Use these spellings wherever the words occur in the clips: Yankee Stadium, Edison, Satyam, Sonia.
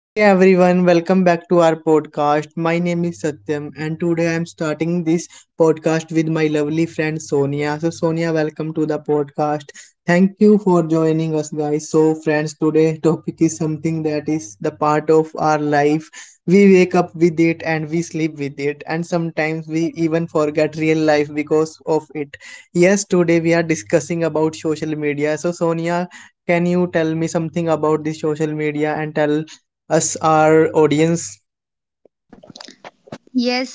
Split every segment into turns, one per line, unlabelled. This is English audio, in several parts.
Hey everyone, welcome back to our podcast. My name is Satyam, and today I'm starting this podcast with my lovely friend Sonia. So, Sonia, welcome to the podcast. Thank you for joining us, guys. So, friends, today topic is something that is the part of our life. We wake up with it and we sleep with it, and sometimes we even forget real life because of it. Yes, today we are discussing about social media. So, Sonia, can you tell me something about this social media and tell us our audience.
Yes.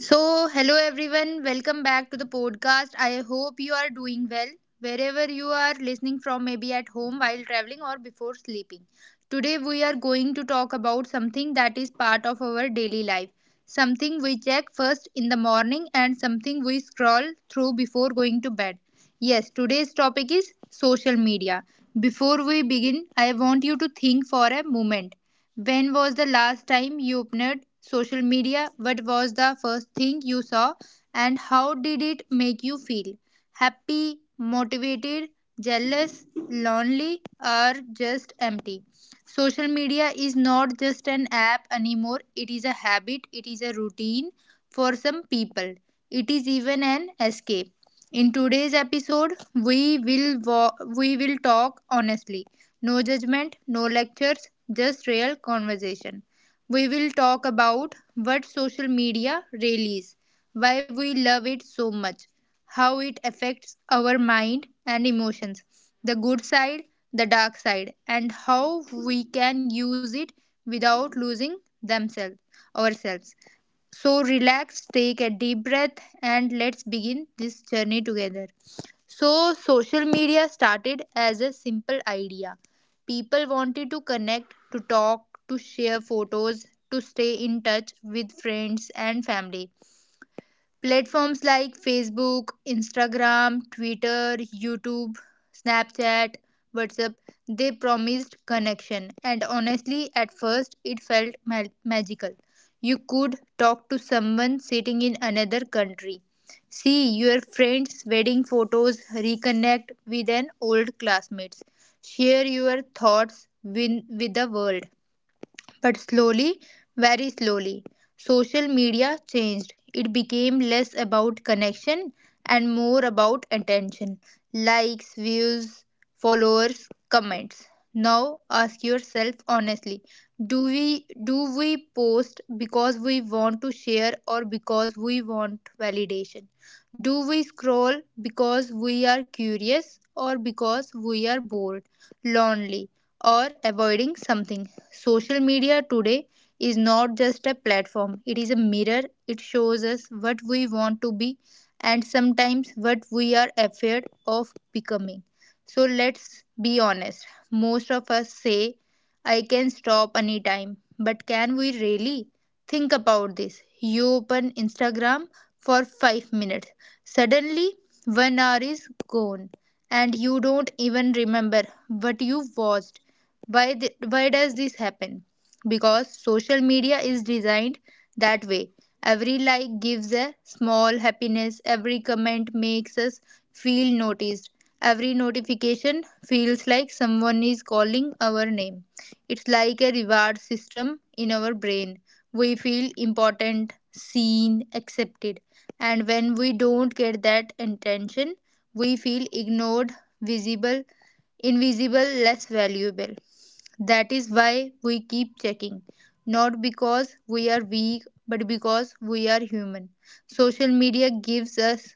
So, hello everyone. Welcome back to the podcast. I hope you are doing well wherever you are listening from, maybe at home while traveling or before sleeping. Today, we are going to talk about something that is part of our daily life, something we check first in the morning, and something we scroll through before going to bed. Yes, today's topic is social media. Before we begin, I want you to think for a moment. When was the last time you opened social media? What was the first thing you saw? And how did it make you feel? Happy, motivated, jealous, lonely, or just empty? Social media is not just an app anymore, it is a habit, it is a routine for some people, it is even an escape. In today's episode, we will talk honestly. No judgment, no lectures, just real conversation. We will talk about what social media really is, why we love it so much, how it affects our mind and emotions, the good side, the dark side, and how we can use it without losing themselves ourselves. So relax, take a deep breath and let's begin this journey together. So, social media started as a simple idea. People wanted to connect, to talk, to share photos, to stay in touch with friends and family. Platforms like Facebook, Instagram, Twitter, YouTube, Snapchat, WhatsApp, they promised connection. And honestly, at first, it felt magical. You could talk to someone sitting in another country, see your friends' wedding photos, reconnect with an old classmates, share your thoughts with the world. But slowly, very slowly, social media changed. It became less about connection and more about attention: likes, views, followers, comments. Now ask yourself honestly, do we do we post because we want to share or because we want validation? Do we scroll because we are curious, or because we are bored, lonely, or avoiding something? Social media today is not just a platform, it is a mirror. It shows us what we want to be, and sometimes what we are afraid of becoming. So let's be honest. Most of us say, I can stop anytime, but can we really? Think about this. You open Instagram for 5 minutes, suddenly, 1 hour is gone, and you don't even remember what you watched. Why does this happen? Because social media is designed that way. Every like gives a small happiness, every comment makes us feel noticed, every notification feels like someone is calling our name. It's like a reward system in our brain. We feel important, seen, accepted, and when we don't get that attention, we feel ignored, visible, invisible, less valuable. That is why we keep checking. Not because we are weak, but because we are human. Social media gives us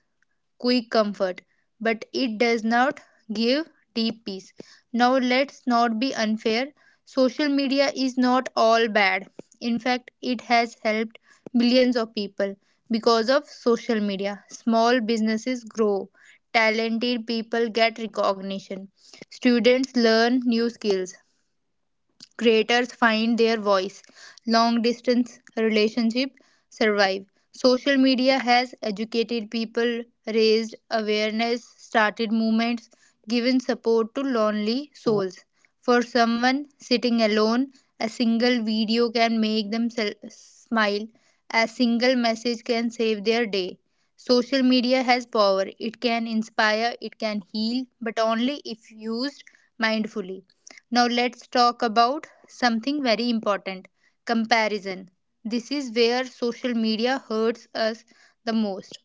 quick comfort, but it does not give deep peace. Now, let's not be unfair. Social media is not all bad. In fact, it has helped millions of people. Because of social media, small businesses grow, talented people get recognition, students learn new skills, creators find their voice. Long distance relationships survive. Social media has educated people, raised awareness, started movements, given support to lonely souls. For someone sitting alone, a single video can make them smile. A single message can save their day. Social media has power. It can inspire, it can heal, but only if used mindfully. Now let's talk about something very important: comparison. This is where social media hurts us the most.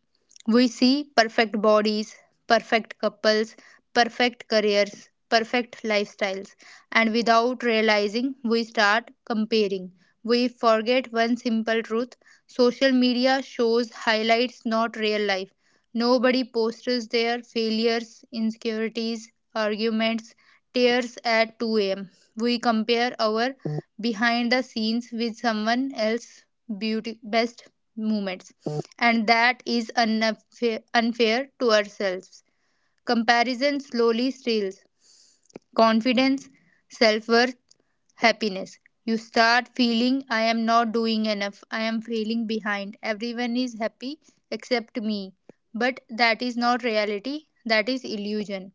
We see perfect bodies, perfect couples, perfect careers, perfect lifestyles, and without realizing, we start comparing. We forget one simple truth: social media shows highlights, not real life. Nobody posts their failures, insecurities, arguments, tears at 2 a.m. We compare our behind the scenes with someone else's beauty best moments, and that is unfair, unfair to ourselves. Comparison slowly steals confidence, self worth, happiness. You start feeling I am not doing enough, I am failing behind. Everyone is happy except me. But that is not reality, that is illusion.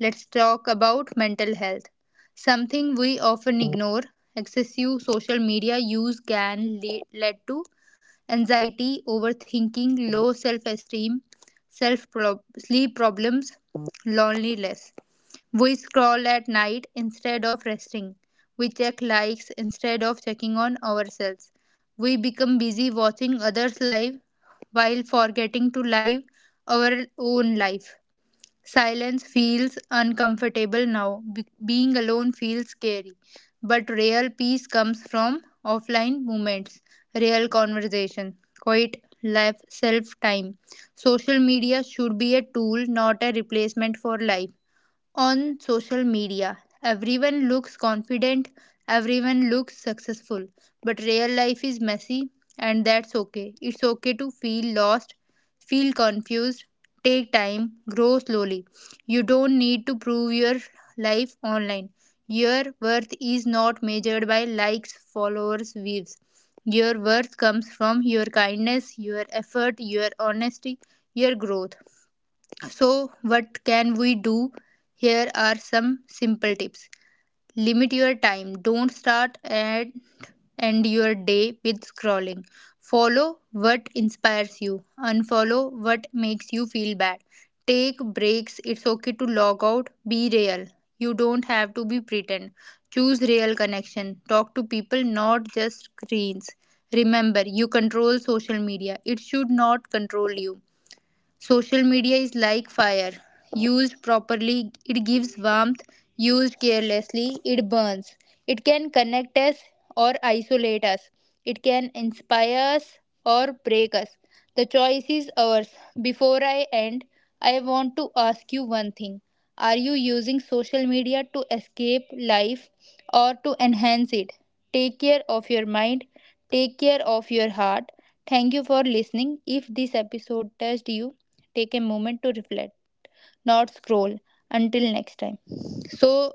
Let's talk about mental health. Something we often ignore: excessive social media use can lead to anxiety, overthinking, low self esteem, sleep problems, loneliness. We scroll at night instead of resting. We check likes instead of checking on ourselves. We become busy watching others' life while forgetting to live our own life. Silence feels uncomfortable now. Being alone feels scary. But real peace comes from offline moments, real conversation, quiet life, self time. Social media should be a tool, not a replacement for life on social media. Everyone looks confident, everyone looks successful, but real life is messy, and that's okay. It's okay to feel lost, feel confused, take time, grow slowly. You don't need to prove your life online. Your worth is not measured by likes, followers, views. Your worth comes from your kindness, your effort, your honesty, your growth. So, what can we do? Here are some simple tips. Limit your time. Don't start and end your day with scrolling. Follow what inspires you. Unfollow what makes you feel bad. Take breaks. It's okay to log out. Be real. You don't have to be pretend. Choose real connection. Talk to people, not just screens. Remember, you control social media. It should not control you. Social media is like fire. Used properly, it gives warmth. Used carelessly, it burns. It can connect us or isolate us. It can inspire us or break us. The choice is ours. Before I end, I want to ask you one thing. Are you using social media to escape life or to enhance it? Take care of your mind, take care of your heart. Thank you for listening. If this episode touched you, take a moment to reflect, not scroll. Until next time. So,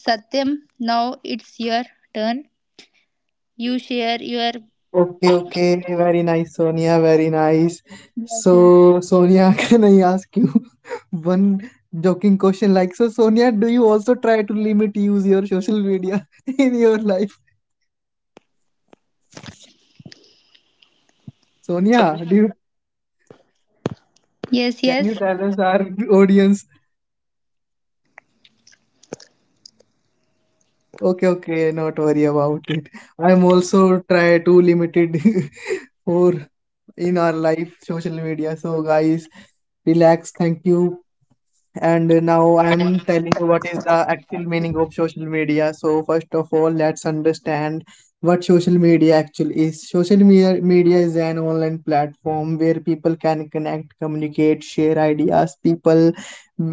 Satyam, now it's your turn. You share your.
Okay, okay, very nice, Sonia, very nice.
Yes, yes.
So, Sonia, can I ask you one joking question? Like, so, Sonia, do you also try to limit use your social media in your life? Sonia, do you
Yes,
can you
yes.
tell us our audience? Okay, okay, not worry about it. I'm also try to limited for in our life social media. So, guys, relax. Thank you. And now I'm telling you what is the actual meaning of social media. So, first of all, let's understand what social media actually is. Social media is an online platform where people can connect, communicate, share ideas, people,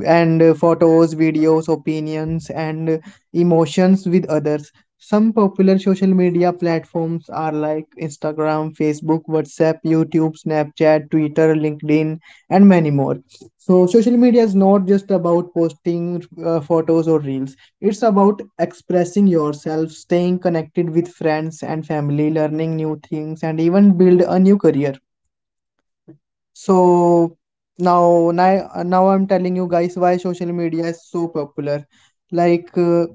and photos, videos, opinions, and emotions with others. Some popular social media platforms are like Instagram, Facebook, WhatsApp, YouTube, Snapchat, Twitter, LinkedIn, and many more. So social media is not just about posting photos or reels. It's about expressing yourself, staying connected with friends and family, learning new things, and even build a new career. So now I'm telling you guys why social media is so popular. Like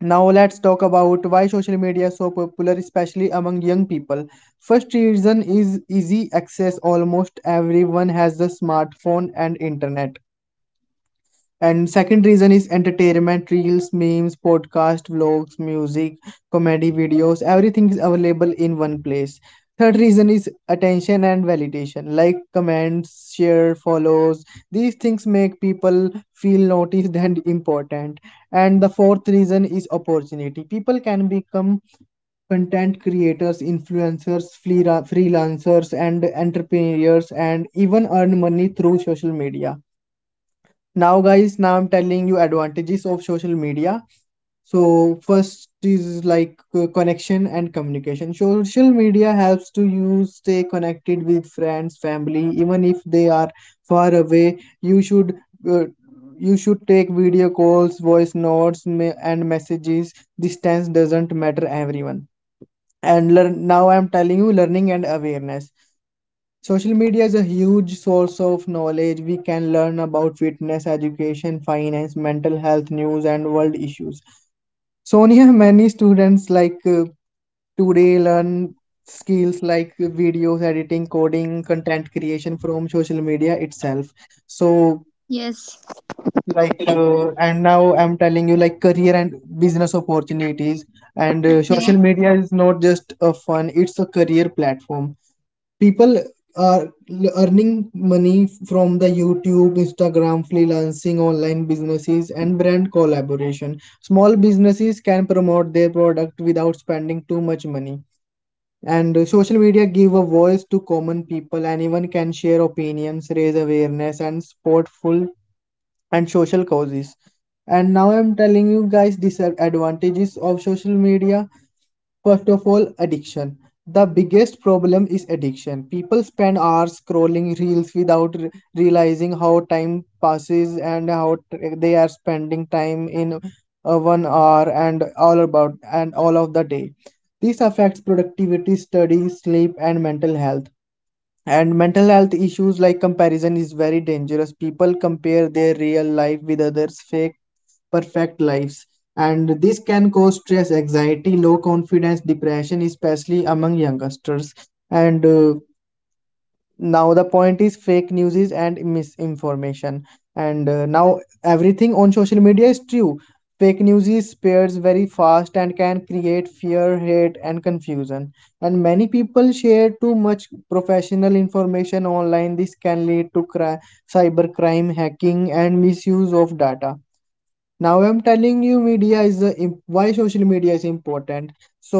now, let's talk about why social media is so popular, especially among young people. First reason is easy access. Almost everyone has a smartphone and internet. And second reason is entertainment, reels, memes, podcast, vlogs, music, comedy videos, everything is available in one place. Third reason is attention and validation, like comments, share, follows. These things make people feel noticed and important. And the fourth reason is opportunity. People can become content creators, influencers, freelancers, and entrepreneurs, and even earn money through social media. Now, guys, now I'm telling you advantages of social media. So first is like connection and communication. Social media helps to you stay connected with friends, family, even if they are far away. Uh, you should take video calls, voice notes, and messages. Distance doesn't matter everyone. And learn Now I'm telling you learning and awareness. Social media is a huge source of knowledge. We can learn about fitness, education, finance, mental health, news, and world issues. Sonia, many students like today learn skills like videos editing, coding, content creation from social media itself. So,
Yes.
like, and now I'm telling you like career and business opportunities. And
Okay.
Social media is not just a fun; it's a career platform. People are earning money from the YouTube, Instagram, freelancing, online businesses, and brand collaboration. Small businesses can promote their product without spending too much money, and social media give a voice to common people. Anyone can share opinions, raise awareness, and support full and social causes. And now I'm telling you guys disadvantages of social media. First of all, addiction. The biggest problem is addiction. People spend hours scrolling reels without realizing how time passes and how they are spending time in one hour and all about and all of the day. This affects productivity, study, sleep, and mental health. And mental health issues like comparison is very dangerous. People compare their real life with others' fake, perfect lives. And this can cause stress, anxiety, low confidence, depression, especially among youngsters. And Now the point is fake news is and misinformation, and now everything on social media is true. Fake news is spreads very fast and can create fear, hate, and confusion. And many people share too much professional information online. This can lead to cybercrime, hacking, and misuse of data. Now I'm telling you media is the imp- why social media is important. So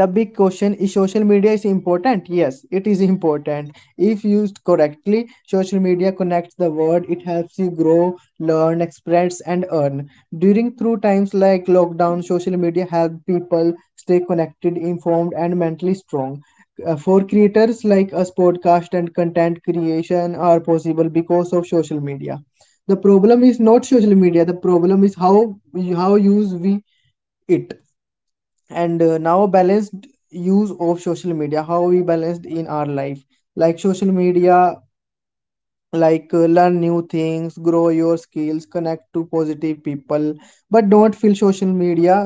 the big question is social media is important? Yes, it is important. If used correctly, social media connects the world. It helps you grow, learn, express, and earn. During Through times like lockdown, social media help people stay connected, informed, and mentally strong. For creators like us, podcast and content creation are possible because of social media. The problem is not social media. The problem is how use we it, and now balanced use of social media, how we balanced in our life. Like social media, like learn new things, grow your skills, connect to positive people, but don't feel social media,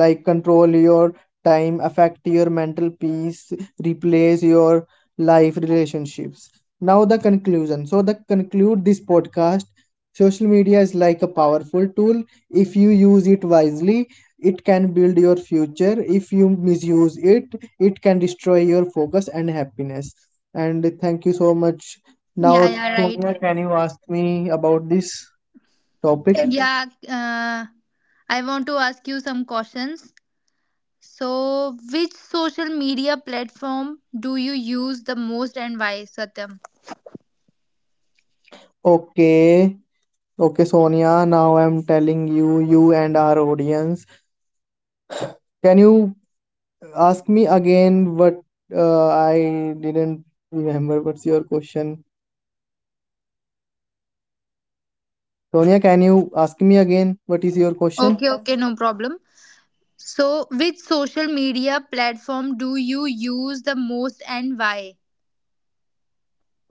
like control your time, affect your mental peace, replace your life relationships. Now the conclusion, so the conclude this podcast, social media is like a powerful tool. If you use it wisely, it can build your future. If you misuse it can destroy your focus and happiness. And thank you so much.
Yeah,
Now,
yeah, right.
Sonia, can you ask me about this topic?
Yeah, I want to ask you some questions. So, which social media platform do you use the most and why, Satyam?
Okay, okay, Sonia. Now I'm telling you and our audience. Can you ask me again what I didn't remember? What's your question? Sonia, can you ask me again? What is your
Okay,
question?
okay, no problem. So, which social media platform do you use the most and why?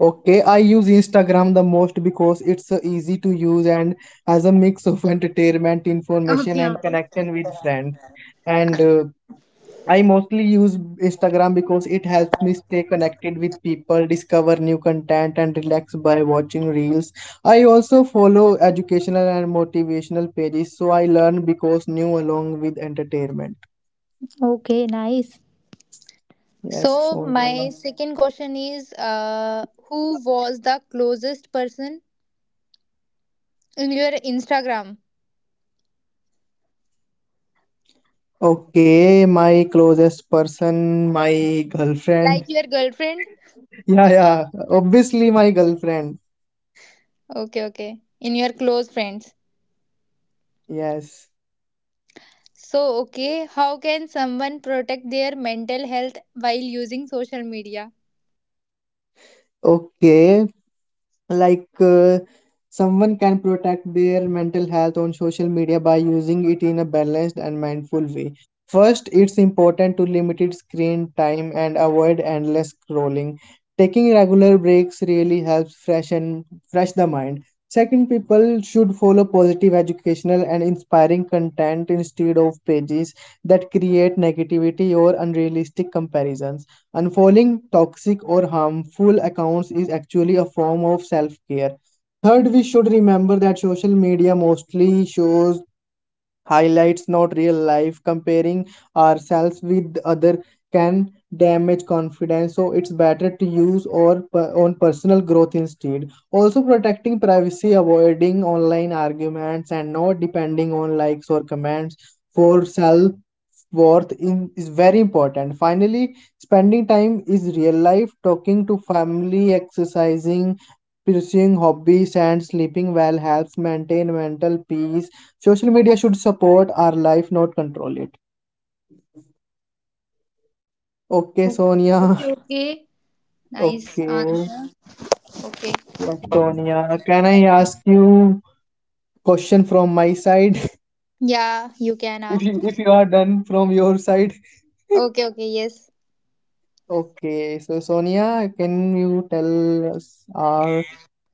Okay, I use Instagram the most because it's easy to use and has a mix of entertainment, information,
Okay,
and
okay.
connection with friends. And I mostly use Instagram because it helps me stay connected with people, discover new content, and relax by watching reels. I also follow educational and motivational pages, so I learn because new along with entertainment.
Okay, nice.
Yes.
So, my
So,
second question is who was the closest person in your Instagram?
okay, my closest person, my
Like
girlfriend.
your girlfriend?
Yeah, yeah. Obviously, my girlfriend.
Okay, okay. In your close friends.
Yes.
So, okay, how can someone protect their mental health while using social media?
Okay. Like someone can protect their mental health on social media by using it in a balanced and mindful way. First, it's important to limit its screen time and avoid endless scrolling. Taking regular breaks really helps fresh the mind. Second, people should follow positive, educational, and inspiring content instead of pages that create negativity or unrealistic comparisons. Unfollowing toxic or harmful accounts is actually a form of self care. Third, we should remember that social media mostly shows highlights, not real life. Comparing ourselves with other can damage confidence, so it's better to use or on personal growth instead. Also, protecting privacy, avoiding online arguments, and not depending on likes or comments for self worth in, is very important. Finally, spending time is real life, talking to family, exercising, pursuing hobbies, and sleeping well helps maintain mental peace. Social media should support our life, not control it. Okay, Sonia.
Okay, okay. Nice
Okay,
answer. Okay.
yes, Sonia. Can I ask you question from my side?
Yeah, you can
If
ask.
you, if you are done from your side.
Okay, okay, yes.
Okay, so Sonia, can you tell us our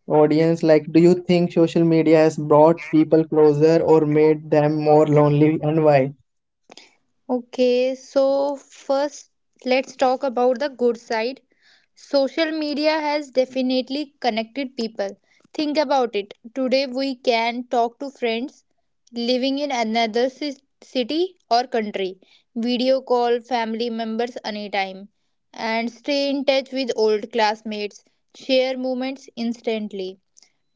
audience, like do you think social media has brought people closer or made them more lonely, and why?
Okay, so first let's talk about the good side. Social media has definitely connected people. Think about it. Today we can talk to friends living in another city or country, video call family members anytime, and stay in touch with old classmates, share moments instantly.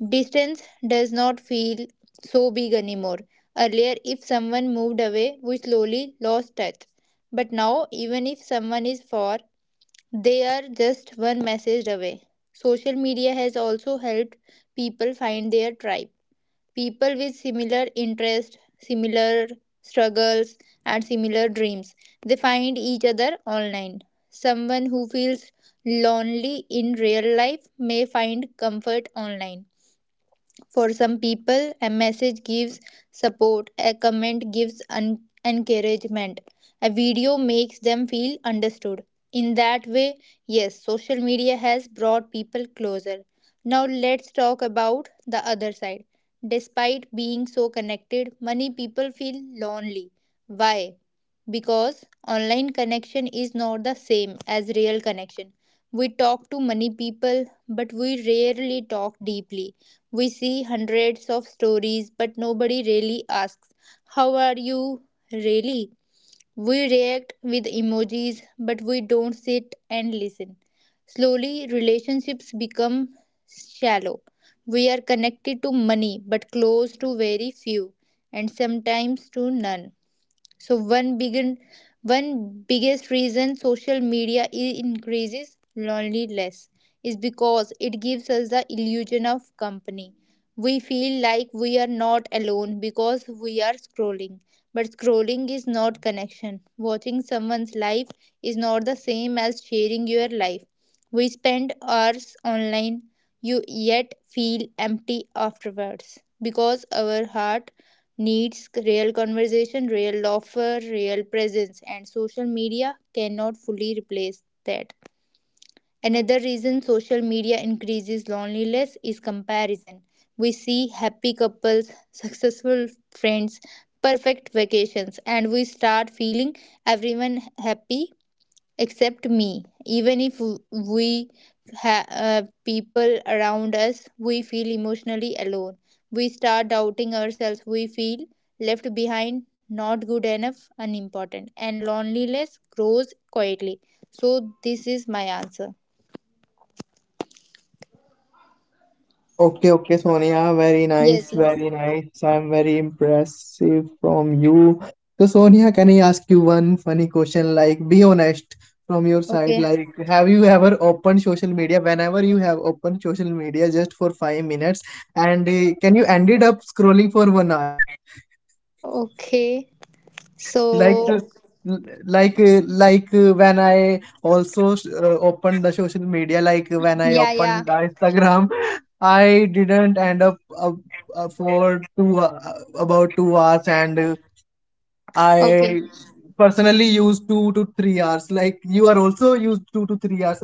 Distance does not feel so big anymore. Earlier, if someone moved away, we slowly lost touch. But now, even if someone is far, they are just one message away. Social media has also helped people find their tribe. People with similar interests, similar struggles, and similar dreams. They find each other online. Someone who feels lonely in real life may find comfort online. For some people, a message gives support, a comment gives encouragement, a video makes them feel understood. In that way, yes, social media has brought people closer. Now, let's talk about the other side. Despite being so connected, many people feel lonely. Why? Because online connection is not the same as real connection. We talk to many people, but we rarely talk deeply. We see hundreds of stories, but nobody really asks, how are you really? We react with emojis, but we don't sit and listen. Slowly, relationships become shallow. We are connected to money, but close to very few, and sometimes to none. So one biggest reason social media increases loneliness is because it gives us the illusion of company. We feel like we are not alone because we are scrolling. But scrolling is not connection. Watching someone's life is not the same as sharing your life. We spend hours online, you yet feel empty afterwards because our heart needs real conversation, real offer, real presence, and social media cannot fully replace that. Another reason social media increases loneliness is comparison. We see happy couples, successful friends, perfect vacations, and we start feeling everyone happy except me. Even if we have people around us, we feel emotionally alone. We start doubting ourselves. We feel left behind, not good enough, unimportant, and loneliness grows quietly. So this is my answer.
Okay, okay, Sonia, very nice,
Yes, yes.
very nice. I'm very impressive from you. So Sonia, can I ask you one funny question? Like be honest from your side,
Okay.
like have you ever opened social media, whenever you have opened social media, just for 5 minutes, and can you ended up scrolling for one hour?
Okay.
like
So
uh, l- when I also opened the social media, like when I
yeah, yeah.
opened the Instagram, I didn't end up for two about 2 hours, and
Okay.
I personally used 2 to 3 hours. Like you are also used 2 to 3 hours,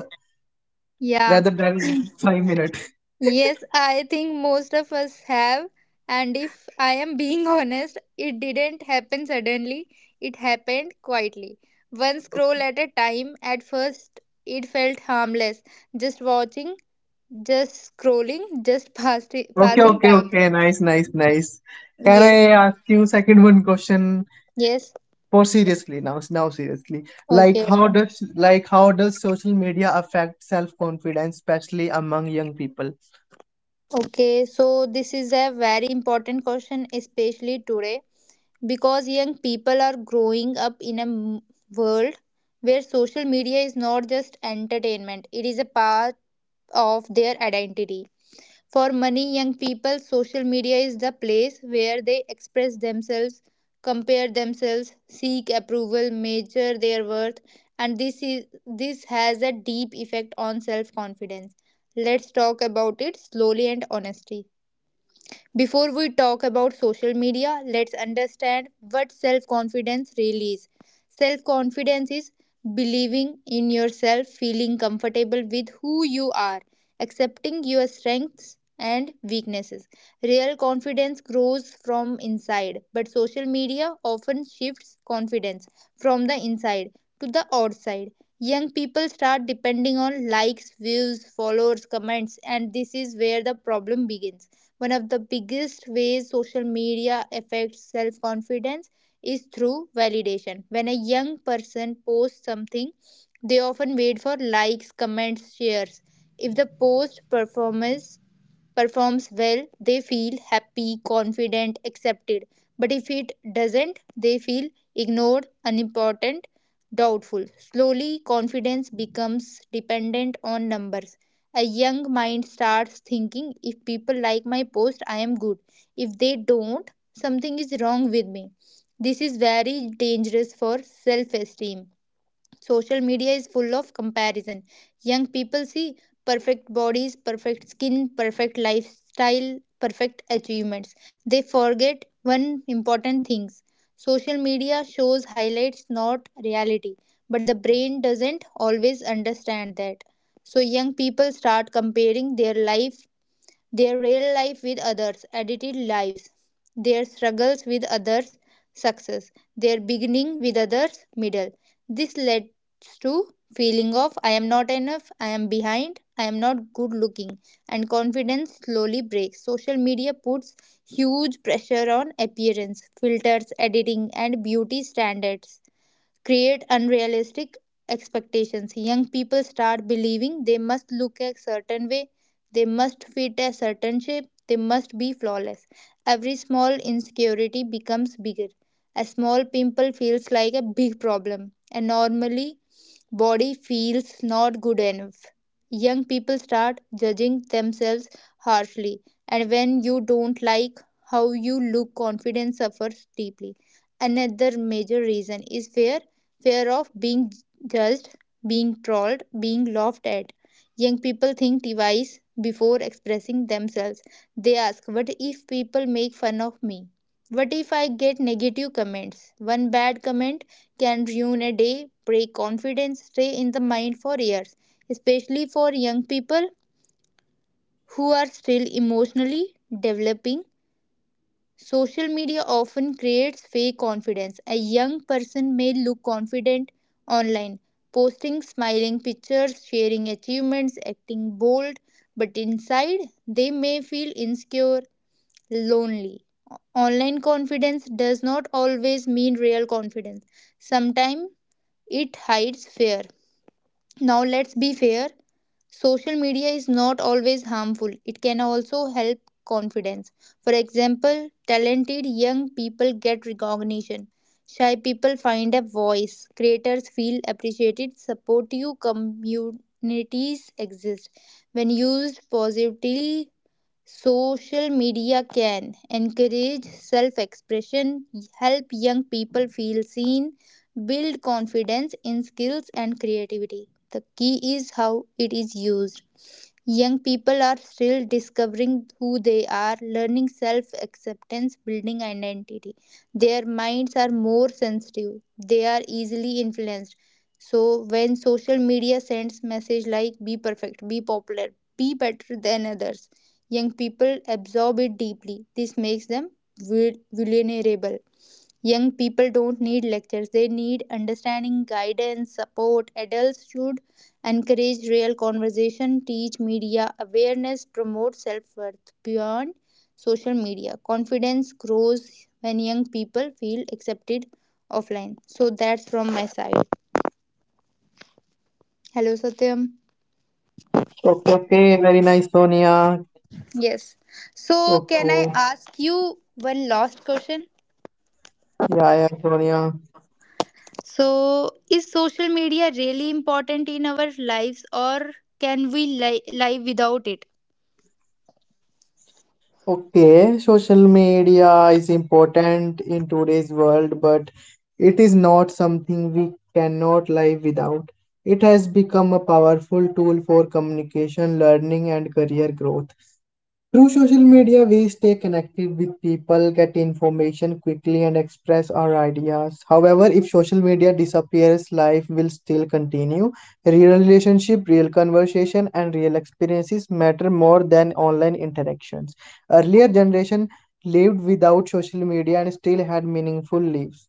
Yeah.
rather than 5 minutes.
Yes, I think most of us have. And if I am being honest, it didn't happen suddenly, it happened quietly. One scroll at a time, at first it felt harmless. Just watching, just scrolling, just
Okay,
passing
okay,
time.
okay, nice, nice, nice. Can I
Yes,
ask you second one question?
yes.
For seriously, now seriously,
Okay, okay.
like how does social media affect self confidence, especially among young people?
Okay, so this is a very important question, especially today because young people are growing up in a world where social media is not just entertainment, it is a part of their identity. For many young people, social media is the place where they express themselves, compare themselves, seek approval, measure their worth, and this has a deep effect on self-confidence. Let's talk about it slowly and honestly. Before we talk about social media, let's understand what self confidence really is. Self confidence is believing in yourself, feeling comfortable with who you are, accepting your strengths and weaknesses. Real confidence grows from inside, but social media often shifts confidence from the inside to the outside. Young people start depending on likes, views, followers, comments, and this is where the problem begins. One of the biggest ways social media affects self confidence is through validation. When a young person posts something, they often wait for likes, comments, shares. If the post performs well, they feel happy, confident, accepted. But if it doesn't, they feel ignored, unimportant, doubtful. Slowly, confidence becomes dependent on numbers. A young mind starts thinking, if people like my post, I am good. If they don't, something is wrong with me. This is very dangerous for self esteem. Social media is full of comparison. Young people see perfect bodies, perfect skin, perfect lifestyle, perfect achievements. They forget one important thing. Social media shows highlights, not reality. But the brain doesn't always understand that. So young people start comparing their real life with others, edited lives, their struggles with others, success, their beginning with others, middle. This leads to feeling of I am not enough, I am behind, I am not good looking, and confidence slowly breaks. Social media puts huge pressure on appearance, filters, editing, and beauty standards create unrealistic expectations. Young people start believing they must look a certain way, they must fit a certain shape, they must be flawless. Every small insecurity becomes bigger. A small pimple feels like a big problem, and normally body feels not good enough. Young people start judging themselves harshly, and when you don't like how you look, confidence suffers deeply. Another major reason is fear of being judged, being trolled, being laughed at. Young people think twice before expressing themselves. They ask, what if people make fun of me? What if I get negative comments? One bad comment can ruin a day, break confidence, stay in the mind for years, especially for young people who are still emotionally developing. Social media often creates fake confidence. A young person may look confident online, posting smiling pictures, sharing achievements, acting bold, but inside they may feel insecure, lonely. Online confidence does not always mean real confidence. Sometimes it hides fear. Now let's be fair. Social media is not always harmful. It can also help confidence. For example, talented young people get recognition. Shy people find a voice. Creators feel appreciated. Supportive communities exist. When used positively, social media can encourage self expression, help young people feel seen, build confidence in skills and creativity. The key is how it is used. Young people are still discovering who they are, learning self acceptance, building identity. Their minds are more sensitive, they are easily influenced. So, when social media sends message like be perfect, be popular, be better than others, young people absorb it deeply. This makes them vulnerable. Young people don't need lectures, they need understanding, guidance, support. Adults should encourage real conversation, teach media awareness, promote self worth beyond social media. Confidence grows when young people feel accepted offline. So that's from my side. Hello, Satyam.
Okay, okay, very nice, Sonia.
Yes. So, can I
Okay,
ask you one last question?
yeah, yeah, Sonia.
So, is social media really important in our lives or can we live without it?
Okay, social media is important in today's world, but it is not something we cannot live without. It has become a powerful tool for communication, learning, and career growth. Through social media, we stay connected with people, get information quickly, and express our ideas. However, if social media disappears, life will still continue. Real relationship, real conversation, and real experiences matter more than online interactions. Earlier generation lived without social media and still had meaningful lives.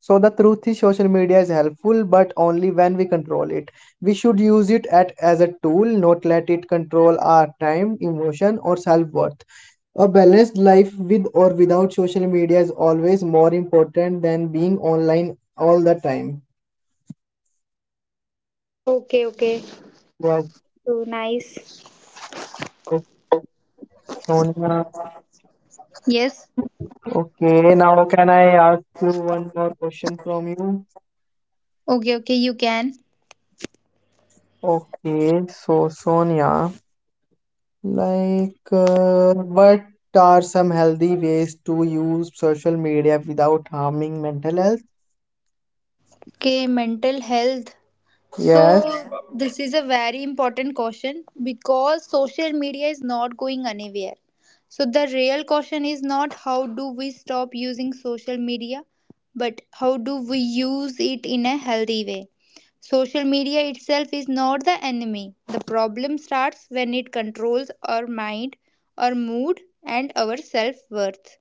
So the truth is social media is helpful but only when we control it. We should use it at, as a tool, not let it control our time, emotion, or self-worth. A balanced life with or without social media is always more important than being online all the time.
Okay, okay.
Wow,
So nice.
okay, Sonia.
Yes.
Okay, now can I ask you one more question from you?
Okay, okay, you can.
Okay, so Sonia. Like, what are some healthy ways to use social media without harming mental health?
Okay, mental health. So,
Yes.
this is a very important caution because social media is not going anywhere. So, the real caution is not how do we stop using social media, but how do we use it in a healthy way. Social media itself is not the enemy. The problem starts when it controls our mind, our mood, and our self worth.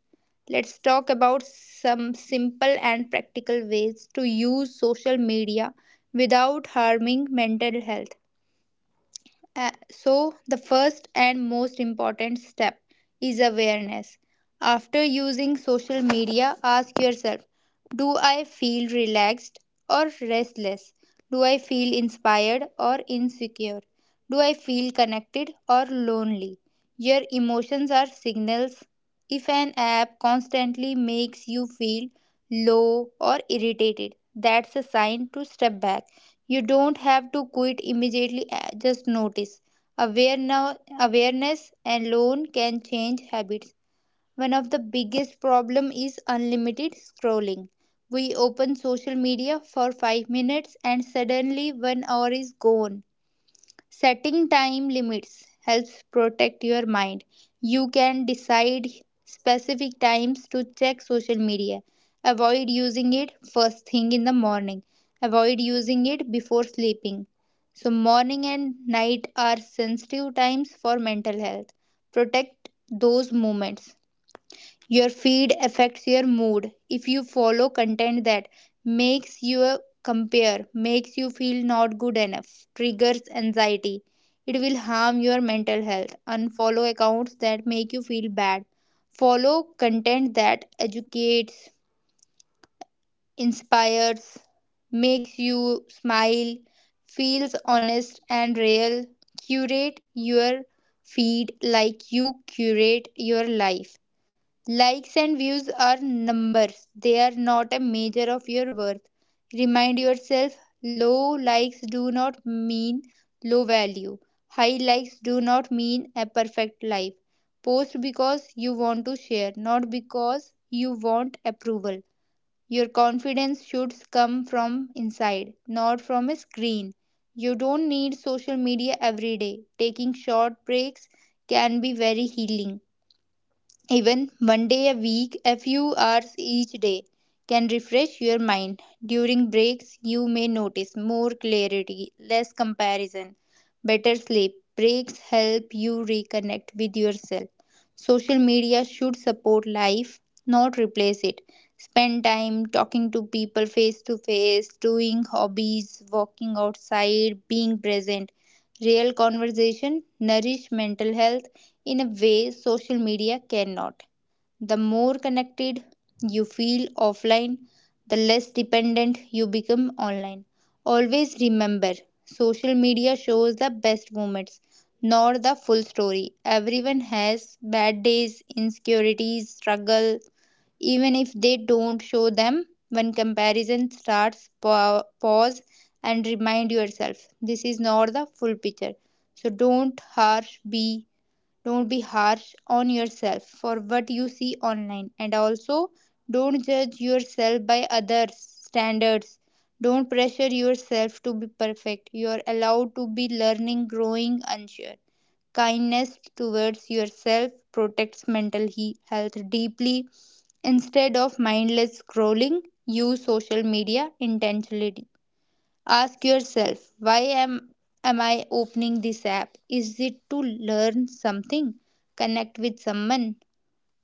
Let's talk about some simple and practical ways to use social media without harming mental health. So, the first and most important step is awareness. After using social media, ask yourself, do I feel relaxed or restless? Do I feel inspired or insecure? Do I feel connected or lonely? Your emotions are signals. If an app constantly makes you feel low or irritated, that's a sign to step back. You don't have to quit immediately, just notice. Awareness alone can change habits. One of the biggest problem is unlimited scrolling. We open social media for 5 minutes and suddenly 1 hour is gone. Setting time limits helps protect your mind. You can decide specific times to check social media. Avoid using it first thing in the morning. Avoid using it before sleeping. So, morning and night are sensitive times for mental health. Protect those moments. Your feed affects your mood. If you follow content that makes you compare, makes you feel not good enough, triggers anxiety, it will harm your mental health. Unfollow accounts that make you feel bad. Follow content that educates, inspires, makes you smile, feels honest and real. Curate your feed like you curate your life. Likes and views are numbers, they are not a measure of your worth. Remind yourself, low likes do not mean low value, high likes do not mean a perfect life. Post because you want to share, not because you want approval. Your confidence should come from inside, not from a screen. You don't need social media every day. Taking short breaks can be very healing. Even one day a week, a few hours each day, can refresh your mind. During breaks, you may notice more clarity, less comparison, better sleep. Breaks help you reconnect with yourself. Social media should support life, not replace it. Spend time talking to people face to face, doing hobbies, walking outside, being present. Real conversation nourish mental health in a way social media cannot. The more connected you feel offline, the less dependent you become online. Always remember, social media shows the best moments, not the full story. Everyone has bad days, insecurities, struggle, even if they don't show them. When comparison starts, pause and remind yourself this is not the full picture. So don't harsh, be, don't be harsh on yourself for what you see online, and also don't judge yourself by others standards, don't pressure yourself to be perfect, you are allowed to be learning growing unsure, kindness towards yourself protects mental health deeply. Instead of mindless scrolling, use social media intentionally. Ask yourself, am I opening this app? Is it to learn something, connect with someone,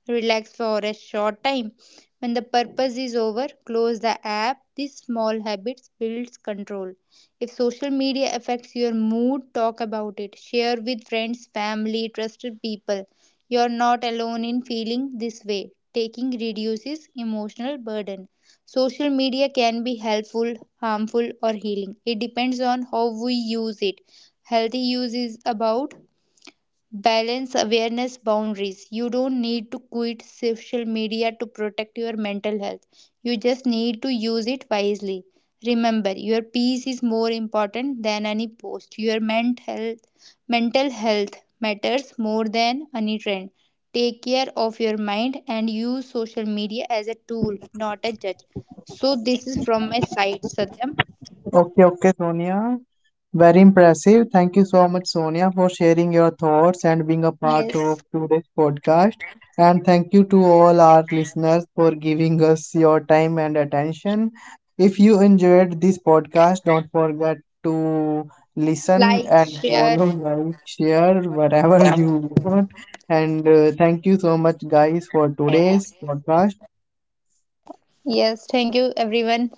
relax for a short time. When the purpose is over, close the app. These small habits builds control. If social media affects your mood, talk about it. Share with friends, family, trusted people. You're not alone in feeling this way. Taking reduces emotional burden. Social media can be helpful, harmful, or healing. It depends on how we use it. Healthy use is about balance awareness boundaries. You don't need to quit social media to protect your mental health. You just need to use it wisely. Remember, your peace is more important than any post. Your mental health matters more than any trend. Take care of your mind and use social media as a tool, not a judge. So this is from my side, Satyam.
Okay, okay, Sonia. Very impressive. Thank you so much, Sonia, for sharing your thoughts and being a part
Yes.
of today's podcast. And thank you to all our listeners for giving us your time and attention. If you enjoyed this podcast, don't forget to listen
Like,
and
share.
follow, like, share, whatever you want. And Thank you so much, guys, for today's podcast.
Yes, thank you everyone.